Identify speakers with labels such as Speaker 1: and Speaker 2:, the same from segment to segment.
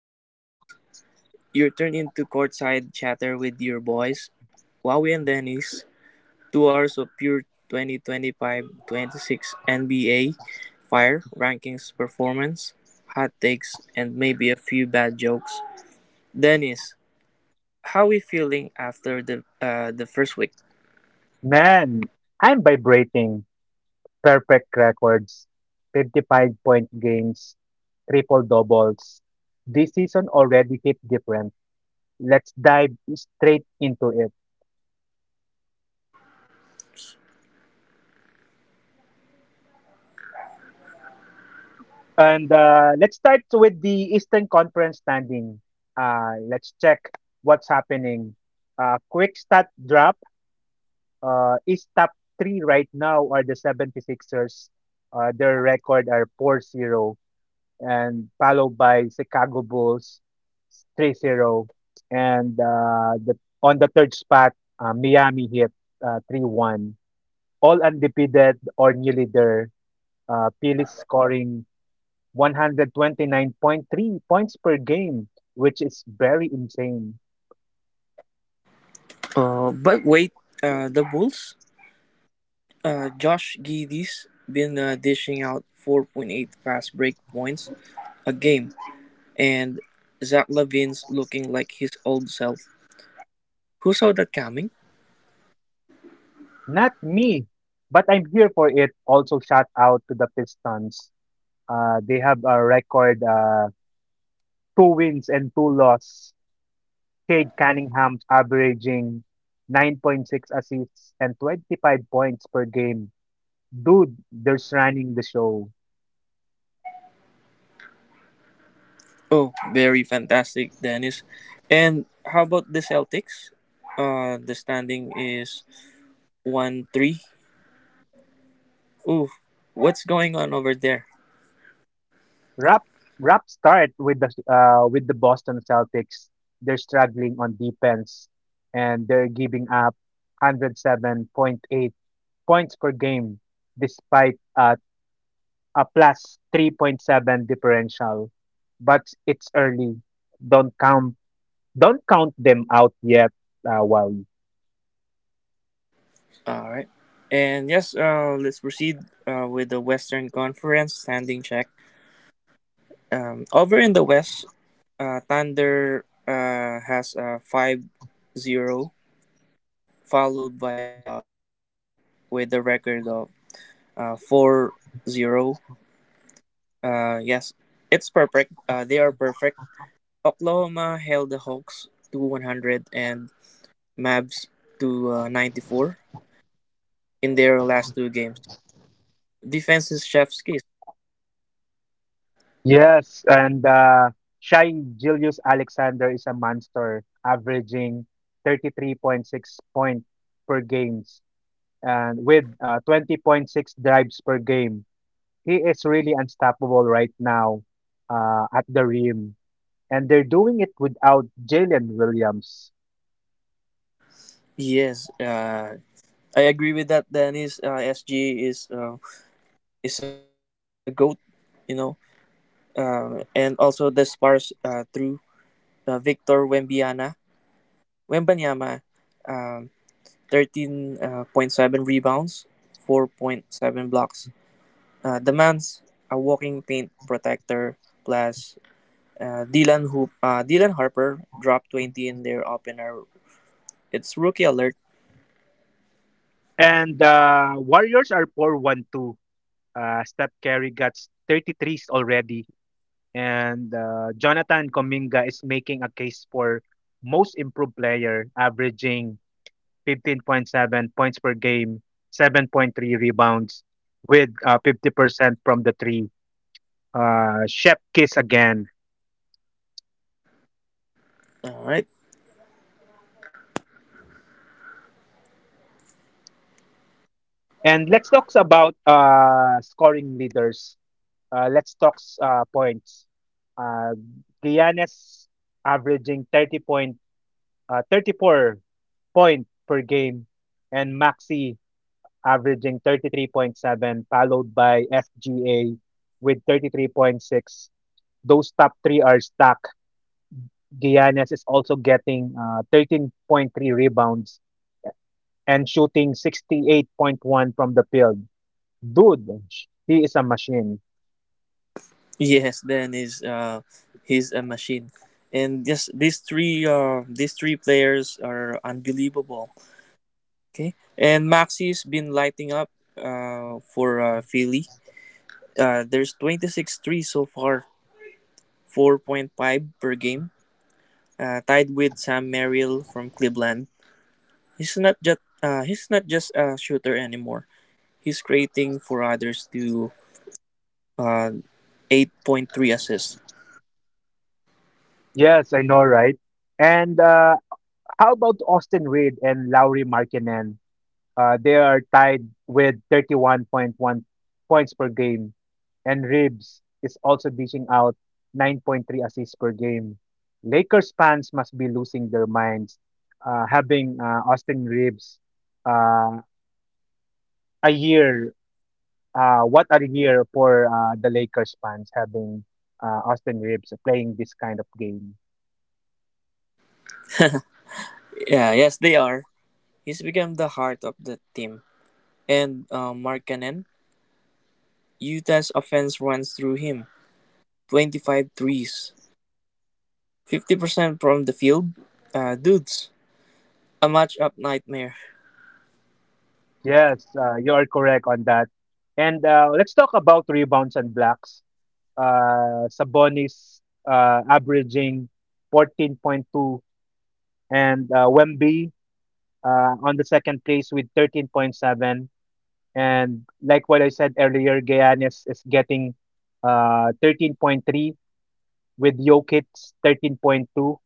Speaker 1: hoops heads? You're turned into courtside chatter with your boys, Wowie and Dennis. 2 hours of pure 2025-26 NBA fire, rankings, performance, hot takes, and maybe a few bad jokes. Dennis, how we feeling after the first week?
Speaker 2: Man, I'm vibrating. Perfect records, 55-point games, triple-doubles. This season already hit different. Let's dive straight into it. And let's start with the Eastern Conference standing. Let's check what's happening. Quick stat drop. East top three right now are the 76ers. Their record are 4-0, and followed by Chicago Bulls 3-0, and on the third spot Miami Heat 3-1, all undefeated or nearly there. Phillies scoring 129.3 points per game, which is very insane.
Speaker 1: But wait, the Bulls. Josh Giddey's been dishing out 4.8 fast break points a game, and Zach Levine's looking like his old self. Who saw that coming?
Speaker 2: Not me, but I'm here for it. Also shout out to the Pistons. They have a record two wins and two loss. Cade Cunningham's averaging 9.6 assists and 25 points per game. Dude, they're running the show.
Speaker 1: Oh, very fantastic, Dennis. And how about the Celtics? The standing is 1-3. Ooh, what's going on over there?
Speaker 2: Rap rap start with the Boston Celtics. They're struggling on defense, and they're giving up 107.8 points per game, despite a plus 3.7 differential. But it's early. Don't count don't count them out yet. Wow.
Speaker 1: Alright. And yes, let's proceed with the Western Conference standing check. Over in the West, Thunder has a 5-0, followed by Spurs with a record of 4-0. Yes, it's perfect. They are perfect. Oklahoma held the Hawks to 100, and Mavs to 94 in their last two games. Defense is chef's kiss.
Speaker 2: Yes, and Shai Gilius Alexander is a monster, averaging 33.6 points per games, and with 20.6 drives per game. He is really unstoppable right now at the rim, and they're doing it without Jalen Williams.
Speaker 1: Yes, I agree with that. Dennis, SG is a goat, you know, and also the Spurs through Victor Wembanyama. Wembanyama, um, 13.7 rebounds, 4.7 blocks. The man's a walking paint protector. Plus, Dylan Harper dropped 20 in their opener. It's rookie alert.
Speaker 2: And Warriors are 4-1-2. Steph Curry got 33s already. And Jonathan Kuminga is making a case for most improved player, averaging 15.7 points per game, 7.3 rebounds, with 50% from the three. Shep Kiss again.
Speaker 1: All right.
Speaker 2: And let's talk about scoring leaders. Let's talk points. Uh, Giannis averaging 30 point, 34 point per game, and Maxi averaging 33.7, followed by FGA with 33.6. Those top three are stacked. Giannis is also getting 13.3 rebounds and shooting 68.1 from the field. Dude, he is a machine.
Speaker 1: Yes, then is he's a machine. And yes, these three players are unbelievable. Okay, and Maxi's been lighting up for Philly. There's 26 threes so far, 4.5 per game, tied with Sam Merrill from Cleveland. He's not just a shooter anymore. He's creating for others to, uh, 8.3 assists.
Speaker 2: Yes, I know, right? And how about Austin Reed and Lowry Markkinen? They are tied with 31.1 points per game, and Ribs is also dishing out 9.3 assists per game. Lakers fans must be losing their minds, having Austin Ribs uh, a year. What a year for the Lakers fans, having Austin Ribs playing this kind of game.
Speaker 1: Yeah, yes, they are. He's become the heart of the team. And Markkanen, Utah's offense runs through him. 25, 50% from the field. Dudes, a matchup nightmare.
Speaker 2: Yes, you are correct on that. And let's talk about rebounds and blocks. Sabonis averaging 14.2, and Wemby on the second place with 13.7. And like what I said earlier, Giannis is getting 13.3, with Jokic 13.2,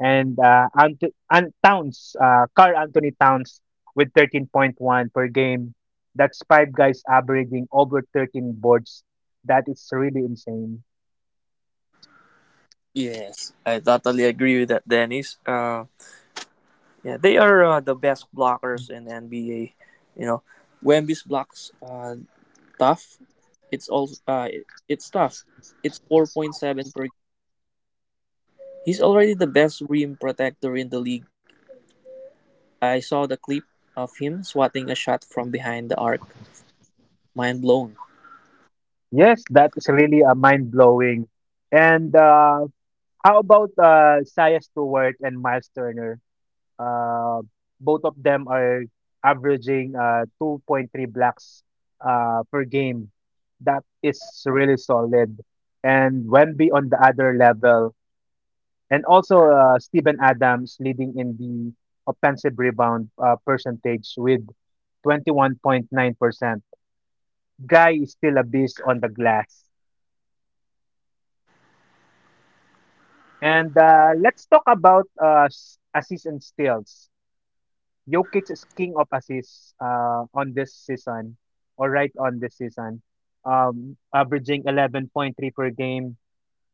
Speaker 2: and Carl Anthony Towns with 13.1 per game. That's five guys averaging over 13 boards. That is really insane.
Speaker 1: Yes, I totally agree with that, Dennis. Yeah, they are the best blockers in NBA. You know, Wemby's blocks, tough. It's tough. It's 4.7 per. He's already the best rim protector in the league. I saw the clip of him swatting a shot from behind the arc. Mind blown.
Speaker 2: Yes, that is really mind blowing. And how about Saya Stewart and Miles Turner? uh, Both of them are averaging 2.3 blocks per game. That is really solid. And Wemby on the other level, and also Steven Adams leading in the offensive rebound percentage with 21.9%. Guy is still a beast on the glass. And let's talk about assists and steals. Jokic is king of assists on this season, averaging 11.3 per game.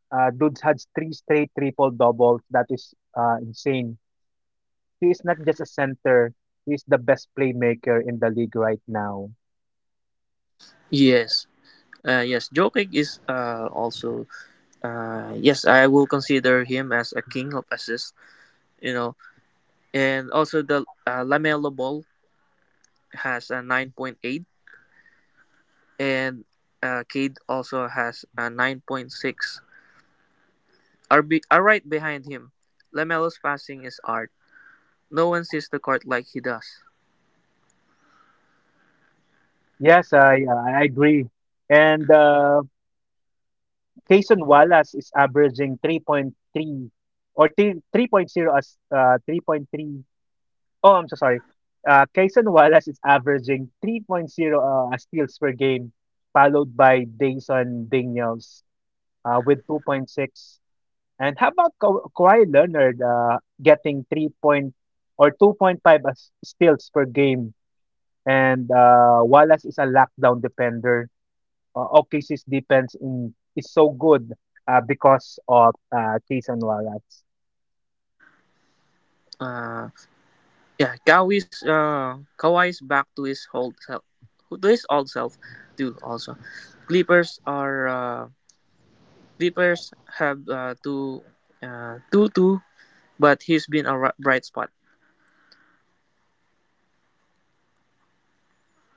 Speaker 2: Dudes had three straight triple doubles. That is insane. He is not just a center. He is the best playmaker in the league right now.
Speaker 1: Yes. Yes, Jokic is, also, yes, I will consider him as a king of assists. You know, and also the Lamelo Ball has a 9.8. And Cade also has a 9.6. Are right behind him. Lamelo's passing is art. No one sees the court like he does.
Speaker 2: Yes, I agree. And Cason Wallace is averaging 3.0 as 3.3. Oh, I'm so sorry. Kaysen Wallace is averaging three point zero steals per game, followed by Dayson Daniels with 2.6. And how about Kawhi Leonard getting 3 point or 2.5 steals per game? And Wallace is a lockdown defender. OKC's defense is so good, because of Kaysen Wallace.
Speaker 1: Uh, yeah, Kawhi's back to his old self, to his old self, too. Also, Clippers are uh, Clippers have two, but he's been a bright spot.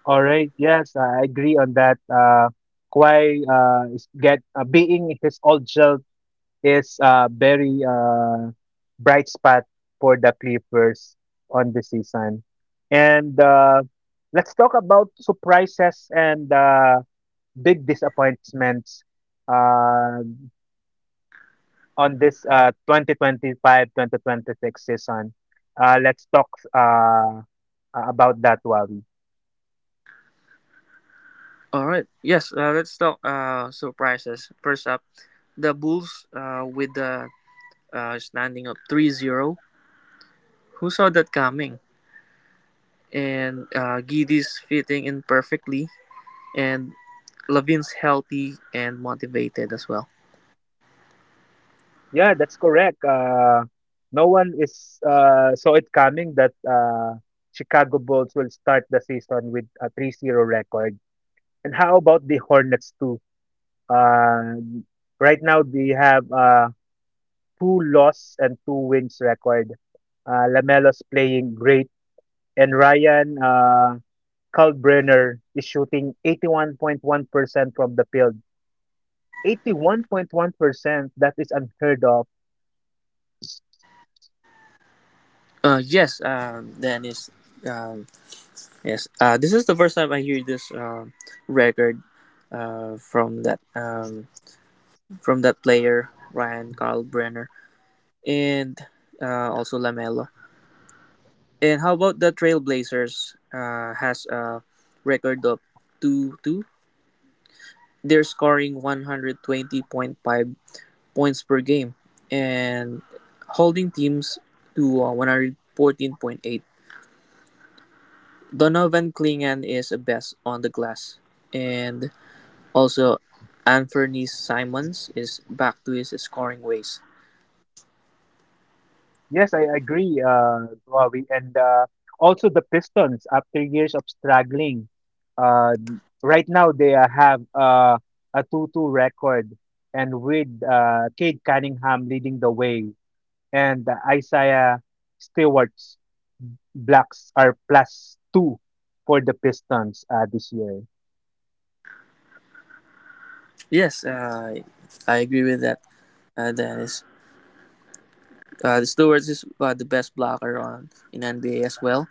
Speaker 2: All right. Yes, I agree on that. Kwai is get being his old self is very bright spot for the Clippers on the season. And let's talk about surprises and big disappointments uh, on this 2025 season. Let's talk about that, Wavi.
Speaker 1: All right, yes, let's talk surprises. First up, the Bulls with the standing up 3-0. Who saw that coming? And Giddey's fitting in perfectly, and Levin's healthy and motivated as well.
Speaker 2: Yeah, that's correct. No one is saw it coming that Chicago Bulls will start the season with a 3-0 record. And how about the Hornets too? Uh, right now they have two loss and two wins record. Lamelo's playing great, and Ryan Kalbrenner is shooting 81.1% from the field. 81.1%, that is unheard of.
Speaker 1: Yes, Dennis. Um, yes, this is the first time I hear this record from that player Ryan Carl Brenner, and also Lamelo. And how about the Trailblazers? Has a record of 2-2. They're scoring 120.5 points per game and holding teams to 114.8. Donovan Clingan is the best on the glass, and also Anthony Simons is back to his scoring ways.
Speaker 2: Yes, I agree, Ravi. And also the Pistons, after years of struggling, uh, right now they have a 2-2 record, and with Cade Cunningham leading the way, and Isaiah Stewart's blocks are plus two for the Pistons this year.
Speaker 1: Yes, I agree with that. Dennis, Stewards is the best blocker on in NBA as well.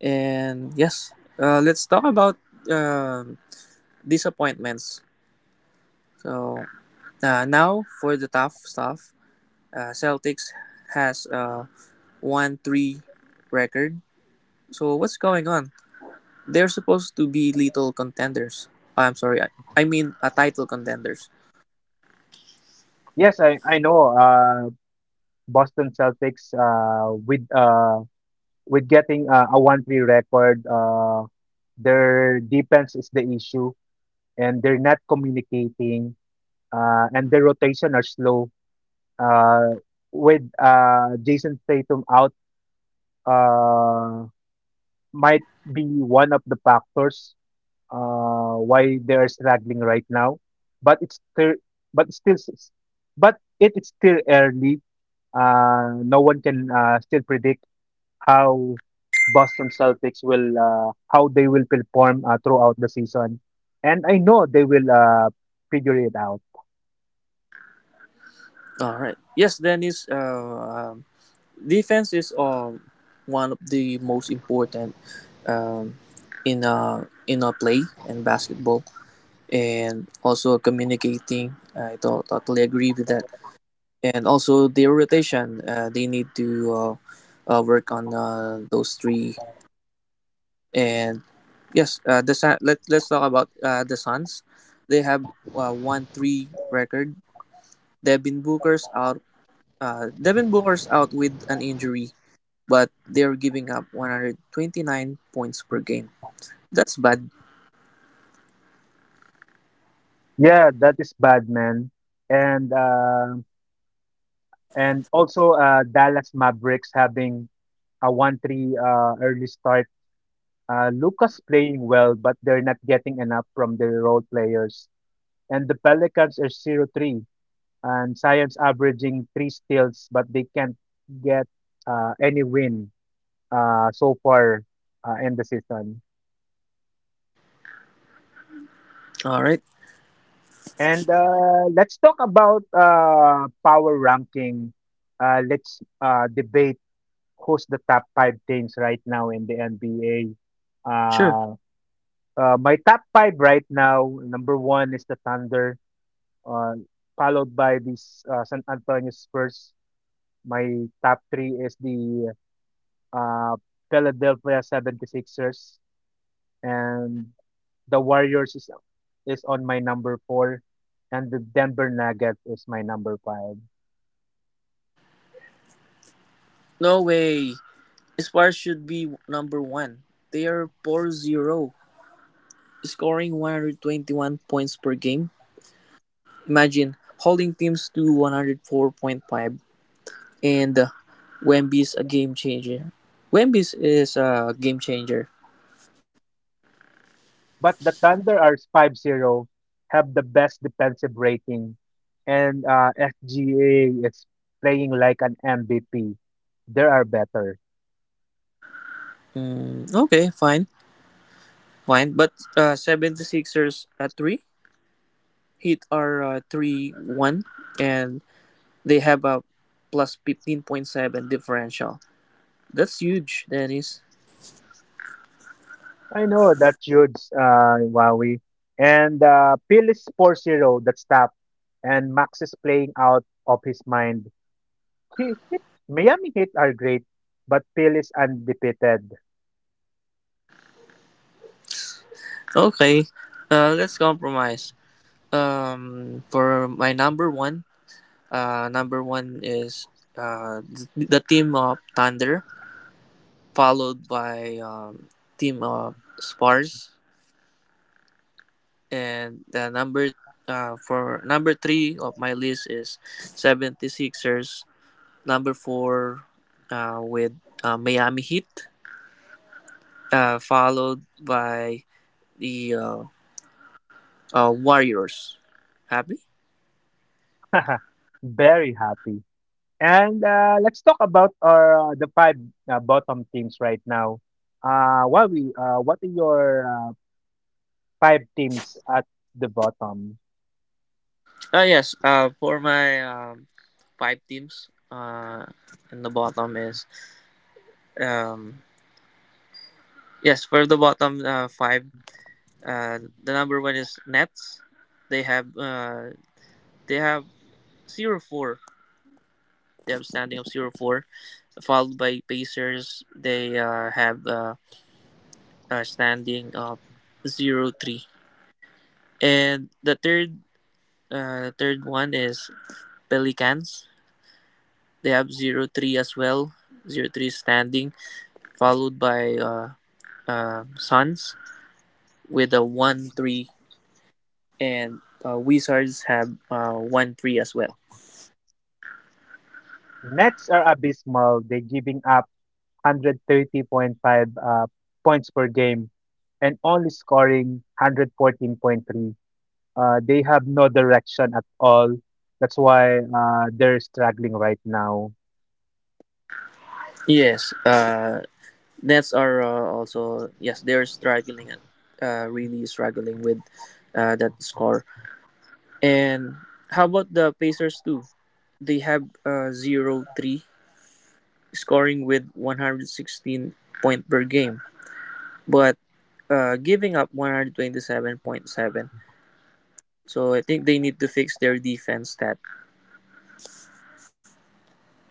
Speaker 1: And yes, let's talk about um disappointments. So, now for the tough stuff. Celtics has a 1-3 record. So what's going on? They're supposed to be little contenders. Oh, I'm sorry. I mean, a title contenders.
Speaker 2: Yes, I know Boston Celtics with getting a 1-3 record. Their defense is the issue, and they're not communicating, and their rotation are slow. Uh, with Jason Tatum out, uh, might be one of the factors why they are struggling right now. But it's still, but still, s- but it is still early. No one can still predict how Boston Celtics will perform throughout the season, and I know they will figure it out.
Speaker 1: All right. Yes, Dennis. Defense is, one of the most important, um, in a play and basketball, and also communicating. Totally agree with that. And also their rotation. They need to, work on those three. And yes, let's talk about the Suns. They have 1-3 record. Devin Booker's out. Devin Booker's out with an injury, but they're giving up 129 points per game. That's bad.
Speaker 2: Yeah, that is bad, man. And uh, and also Dallas Mavericks having a 1-3 early start. Lucas playing well, but they're not getting enough from their role players. And the Pelicans are 0-3, and Science averaging three steals, but they can't get any win so far in the season.
Speaker 1: All right,
Speaker 2: And let's talk about power ranking. Let's debate who's the top five teams right now in the NBA.
Speaker 1: sure.
Speaker 2: Uh, my top five right now, number one is the Thunder, uh, followed by this San Antonio Spurs. My top three is the uh, Philadelphia 76ers. And the Warriors is on my number four, and the Denver Nuggets is my number five.
Speaker 1: No way. Spurs should be number one. They are 4-0, scoring 121 points per game. Imagine, holding teams to 104.5, and Wemby's a game changer. Wemby's is a game changer.
Speaker 2: But the Thunder are 5-0, have the best defensive rating, and SGA is playing like an MVP. They are better.
Speaker 1: Okay, fine, fine. But 76ers at 3 hit are 3-1, and they have a plus 15.7 differential. That's huge, Dennis.
Speaker 2: I know that's huge, Wowie. And Phil is 4 zero, that's top. And Max is playing out of his mind. He, he, Miami Heat are great, but Phil is undefeated.
Speaker 1: Okay, let's compromise. For my number one, Uh, number one is the team of Thunder, followed by team of Spars, and the number for number three of my list is 76ers. Number four with Miami Heat, followed by the Warriors. Happy?
Speaker 2: Very happy. And let's talk about our the five bottom teams right now. What are your five teams at the bottom?
Speaker 1: Yes. For my five teams, and the bottom is um, yes, for the bottom five, uh, the number one is Nets. They have uh, they have 0-4. They have standing of 0-4, followed by Pacers. They have a standing of 0-3, and the third one is Pelicans. They have 0-3 as well, 0-3 standing, followed by Suns with a 1-3, and Wizards have 1-3 as well.
Speaker 2: Nets are abysmal. They're giving up 130.5 points per game, and only scoring 114.3. They have no direction at all. That's why they're struggling right now.
Speaker 1: Yes, Nets are also, yes, they're struggling, really struggling with that score. And how about the Pacers too? They have 0-3, scoring with 116 point per game, but giving up 127.7. So I think they need to fix their defense stat.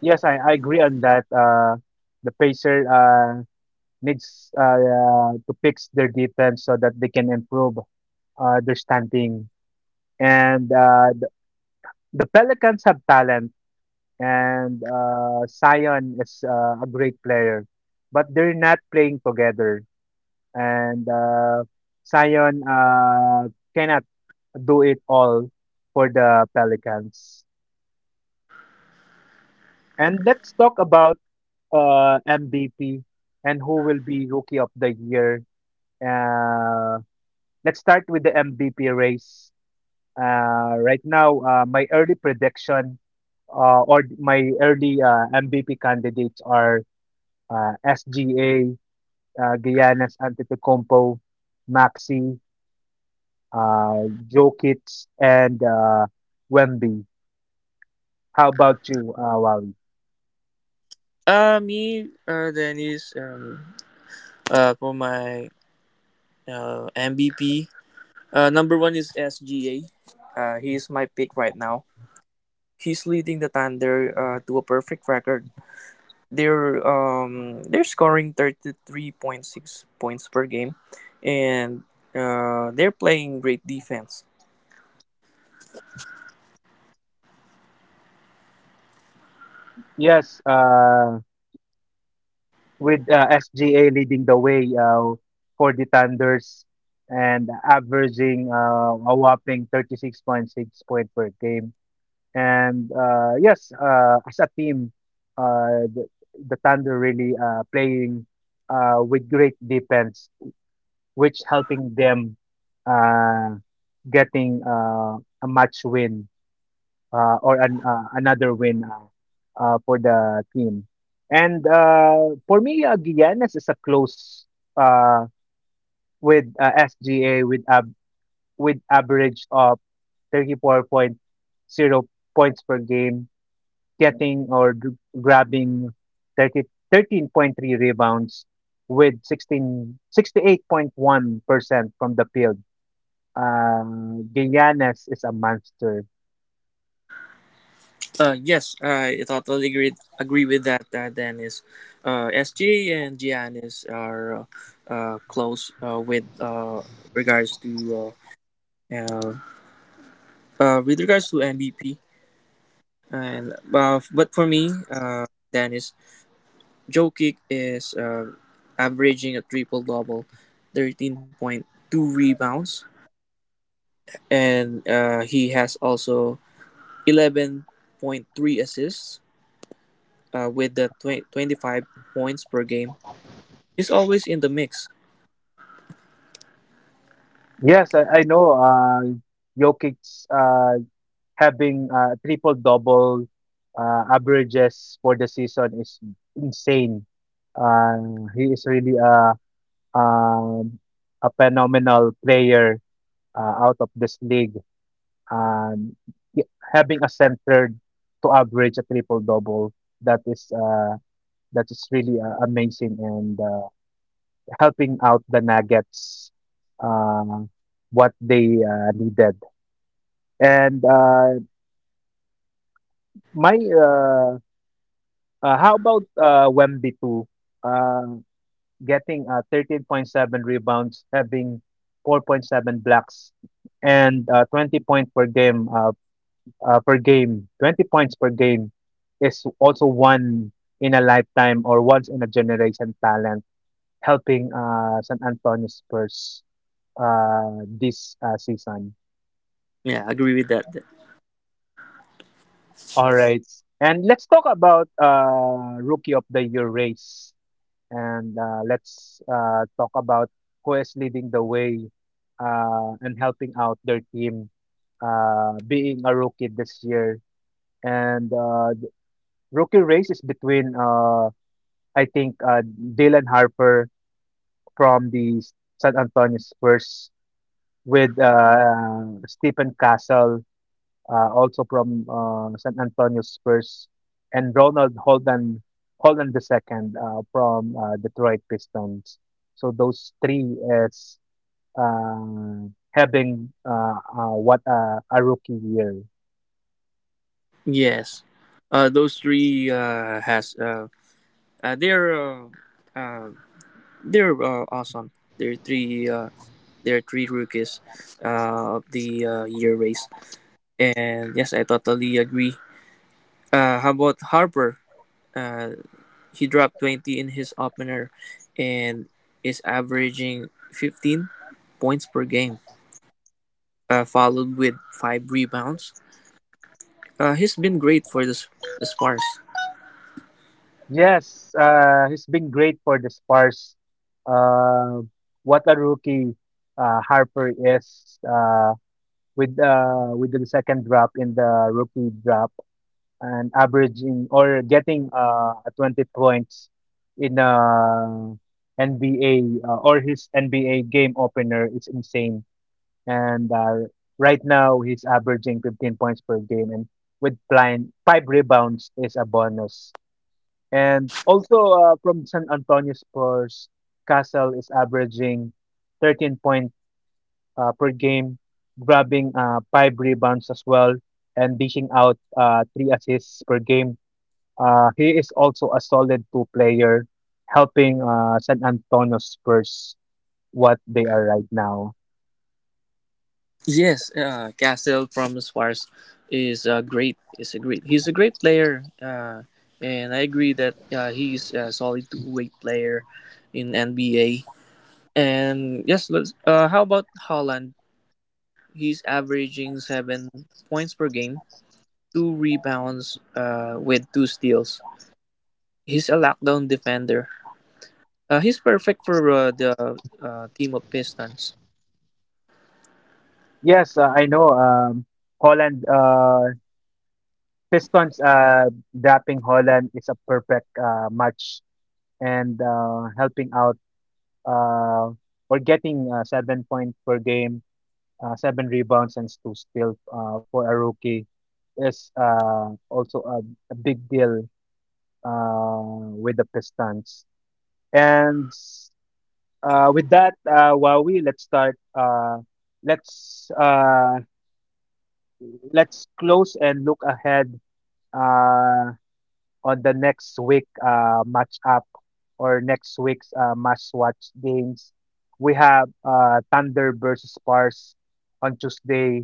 Speaker 2: Yes, I agree on that. The Pacers needs to fix their defense so that they can improve their standing. And the Pelicans have talent, and Zion is a great player, but they're not playing together. And Zion cannot do it all for the Pelicans. And let's talk about MVP and who will be Rookie of the Year. Uh, let's start with the MVP race. My early prediction or my early MVP candidates are SGA, Giannis Antetokounmpo, Maxi, Jokic, and Wemby. How about you, Wawi?
Speaker 1: Me, Dennis, for my MVP, number one is SGA. He is my pick right now. He's leading the Thunder to a perfect record. They're scoring 33.6 points per game, and they're playing great defense.
Speaker 2: Yes, with SGA leading the way for the Thunders, and averaging a whopping 36.6 points per game. And yes, as a team, uh, the, the Thunder really playing with great defense, which helping them uh, getting a match win or an, another win for the team. And for me, Giannis is a close, uh, with SGA, with average of thirty four point zero points per game, getting or gr- grabbing thirty 13.3 rebounds with 1668 point 1% from the field. Uh, Giannis is a monster.
Speaker 1: Yes, I totally agree with that. Dennis, SGA and Giannis are close, with regards to uh, uh, with regards to MVP. And but for me, Dennis, Joe Kick is averaging a triple double, 13.2 rebounds, and he has also 11.3 assists with the 20 25 points per game. He's always in the mix.
Speaker 2: Yes, I know Jokic uh, having triple double averages for the season is insane. He is really um a phenomenal player out of this league. And y having a center to average a triple-double, that is, uh, that is really, amazing, and, helping out the Nuggets, uh, what they, needed. And, my, uh, how about, Wemby too? Uh, Getting, 13.7 rebounds, having 4.7 blocks, and, 20 point per game, 20 points per game, is also one in a lifetime, or once in a generation talent, helping San Antonio Spurs this season.
Speaker 1: Yeah, I agree with that.
Speaker 2: All right. And let's talk about Rookie of the Year race. And let's talk about who is leading the way and helping out their team being a rookie this year. And the rookie race is between I think Dylan Harper from the San Antonio Spurs, with Stephen Castle, also from San Antonio Spurs, and Ronald Holden Holden II from Detroit Pistons. So those three is uh, having what a rookie year.
Speaker 1: Yes, those three has they're uh, awesome. They're three. There are three rookies of the year race. And yes, I totally agree. How about Harper? Uh, he dropped 20 in his opener and is averaging 15 points per game, followed with five rebounds. He's been great for the Spurs.
Speaker 2: Yes, he's been great for the Spurs. Uh, what a rookie Harper is, with the second drop in the rookie drop, and averaging or getting 20 points in NBA, or his NBA game opener, is insane. And right now he's averaging 15 points per game, and with plan, five rebounds is a bonus. And also from San Antonio Spurs, Castle is averaging 13 points per game, grabbing five rebounds as well, and dishing out three assists per game. He is also a solid two player, helping San Antonio Spurs what they are right now.
Speaker 1: Yes, Castle from the Spurs is great. Is a great. He's a great player, and I agree that he's a solid two-way player in NBA. And yes, how about Holland? He's averaging 7 points per game, two rebounds, with two steals. He's a lockdown defender. He's perfect for the team of Pistons.
Speaker 2: Yes, I know. Holland, Pistons, dropping Holland is a perfect match, and helping out. Uh, we're getting 7 points per game, seven rebounds, and two steals for a rookie is also a big deal uh, with the Pistons. And with that, Wawi, let's start. Let's let's close and look ahead. Uh, on the next week match up or next week's must watch games. We have Thunder versus Spurs on Tuesday,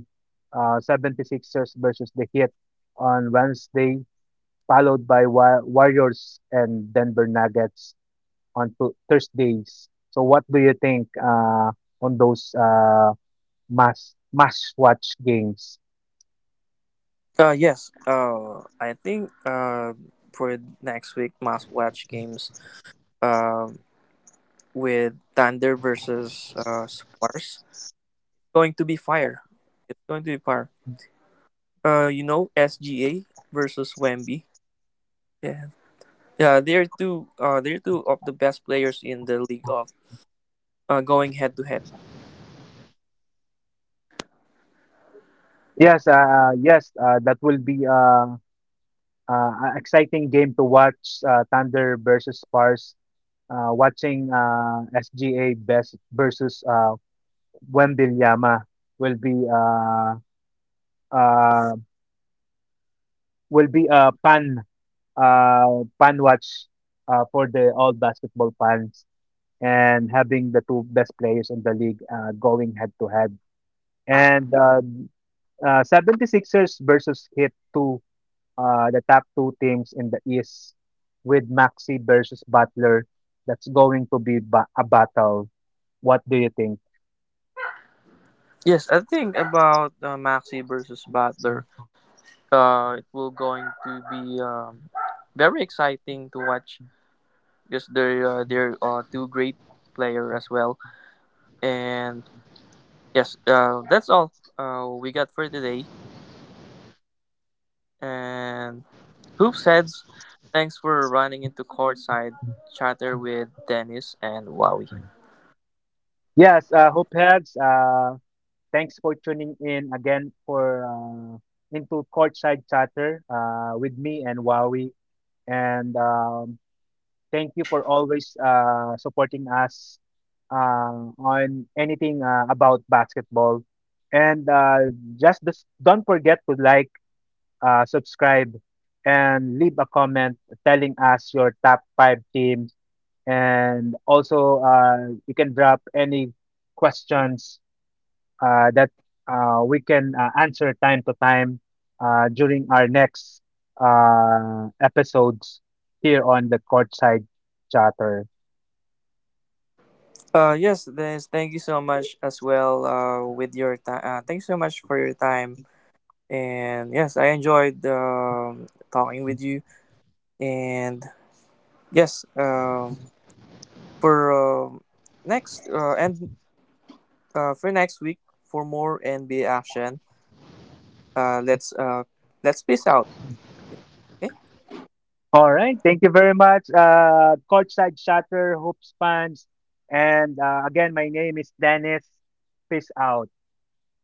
Speaker 2: 76ers versus the Heat on Wednesday, followed by Warriors and Denver Nuggets on Thursdays. So, what do you think on those must watch games?
Speaker 1: Yes, I think for next week, must watch games uh, with Thunder versus Spurs. Going to be fire. It's going to be fire. SGA versus Wemby. Yeah, Yeah, they're two. They're two of the best players in the league of, going head to head.
Speaker 2: Yes, that will be a exciting game to watch, Thunder versus Spurs. Watching SGA best versus Wembenyama will be uh, uh, will be a pan fan watch for the all basketball fans, and having the two best players in the league going head to head. And 76ers versus Heat 2, the top two teams in the East, with Maxi versus Butler. That's going to be a battle. What do you think?
Speaker 1: Yes, I think about Maxi versus Butler. It will going to be very exciting to watch because they're two great player as well. And yes, that's all we got for today. And, hoops heads, thanks for running into courtside chatter with Dennis and Wowie.
Speaker 2: Yes, Hoopheads, thanks for tuning in again for into Courtside Chatter with me and Wawi. And thank you for always supporting us on anything about basketball. And just this, don't forget to like, subscribe, and leave a comment telling us your top five teams. And also, you can drop any questions that we can answer time to time during our next episodes here on the Courtside Chatter.
Speaker 1: Yes, Dennis, thank you so much as well. With your time, thanks so much for your time. And yes, I enjoyed talking with you. And yes, for um next uh, and for next week for more NBA action. Let's, let's peace out. Okay?
Speaker 2: All right. Thank you very much, Courtside Chatter, Hoops fans. And again, my name is Dennis. Peace out.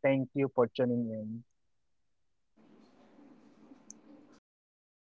Speaker 2: Thank you for tuning in.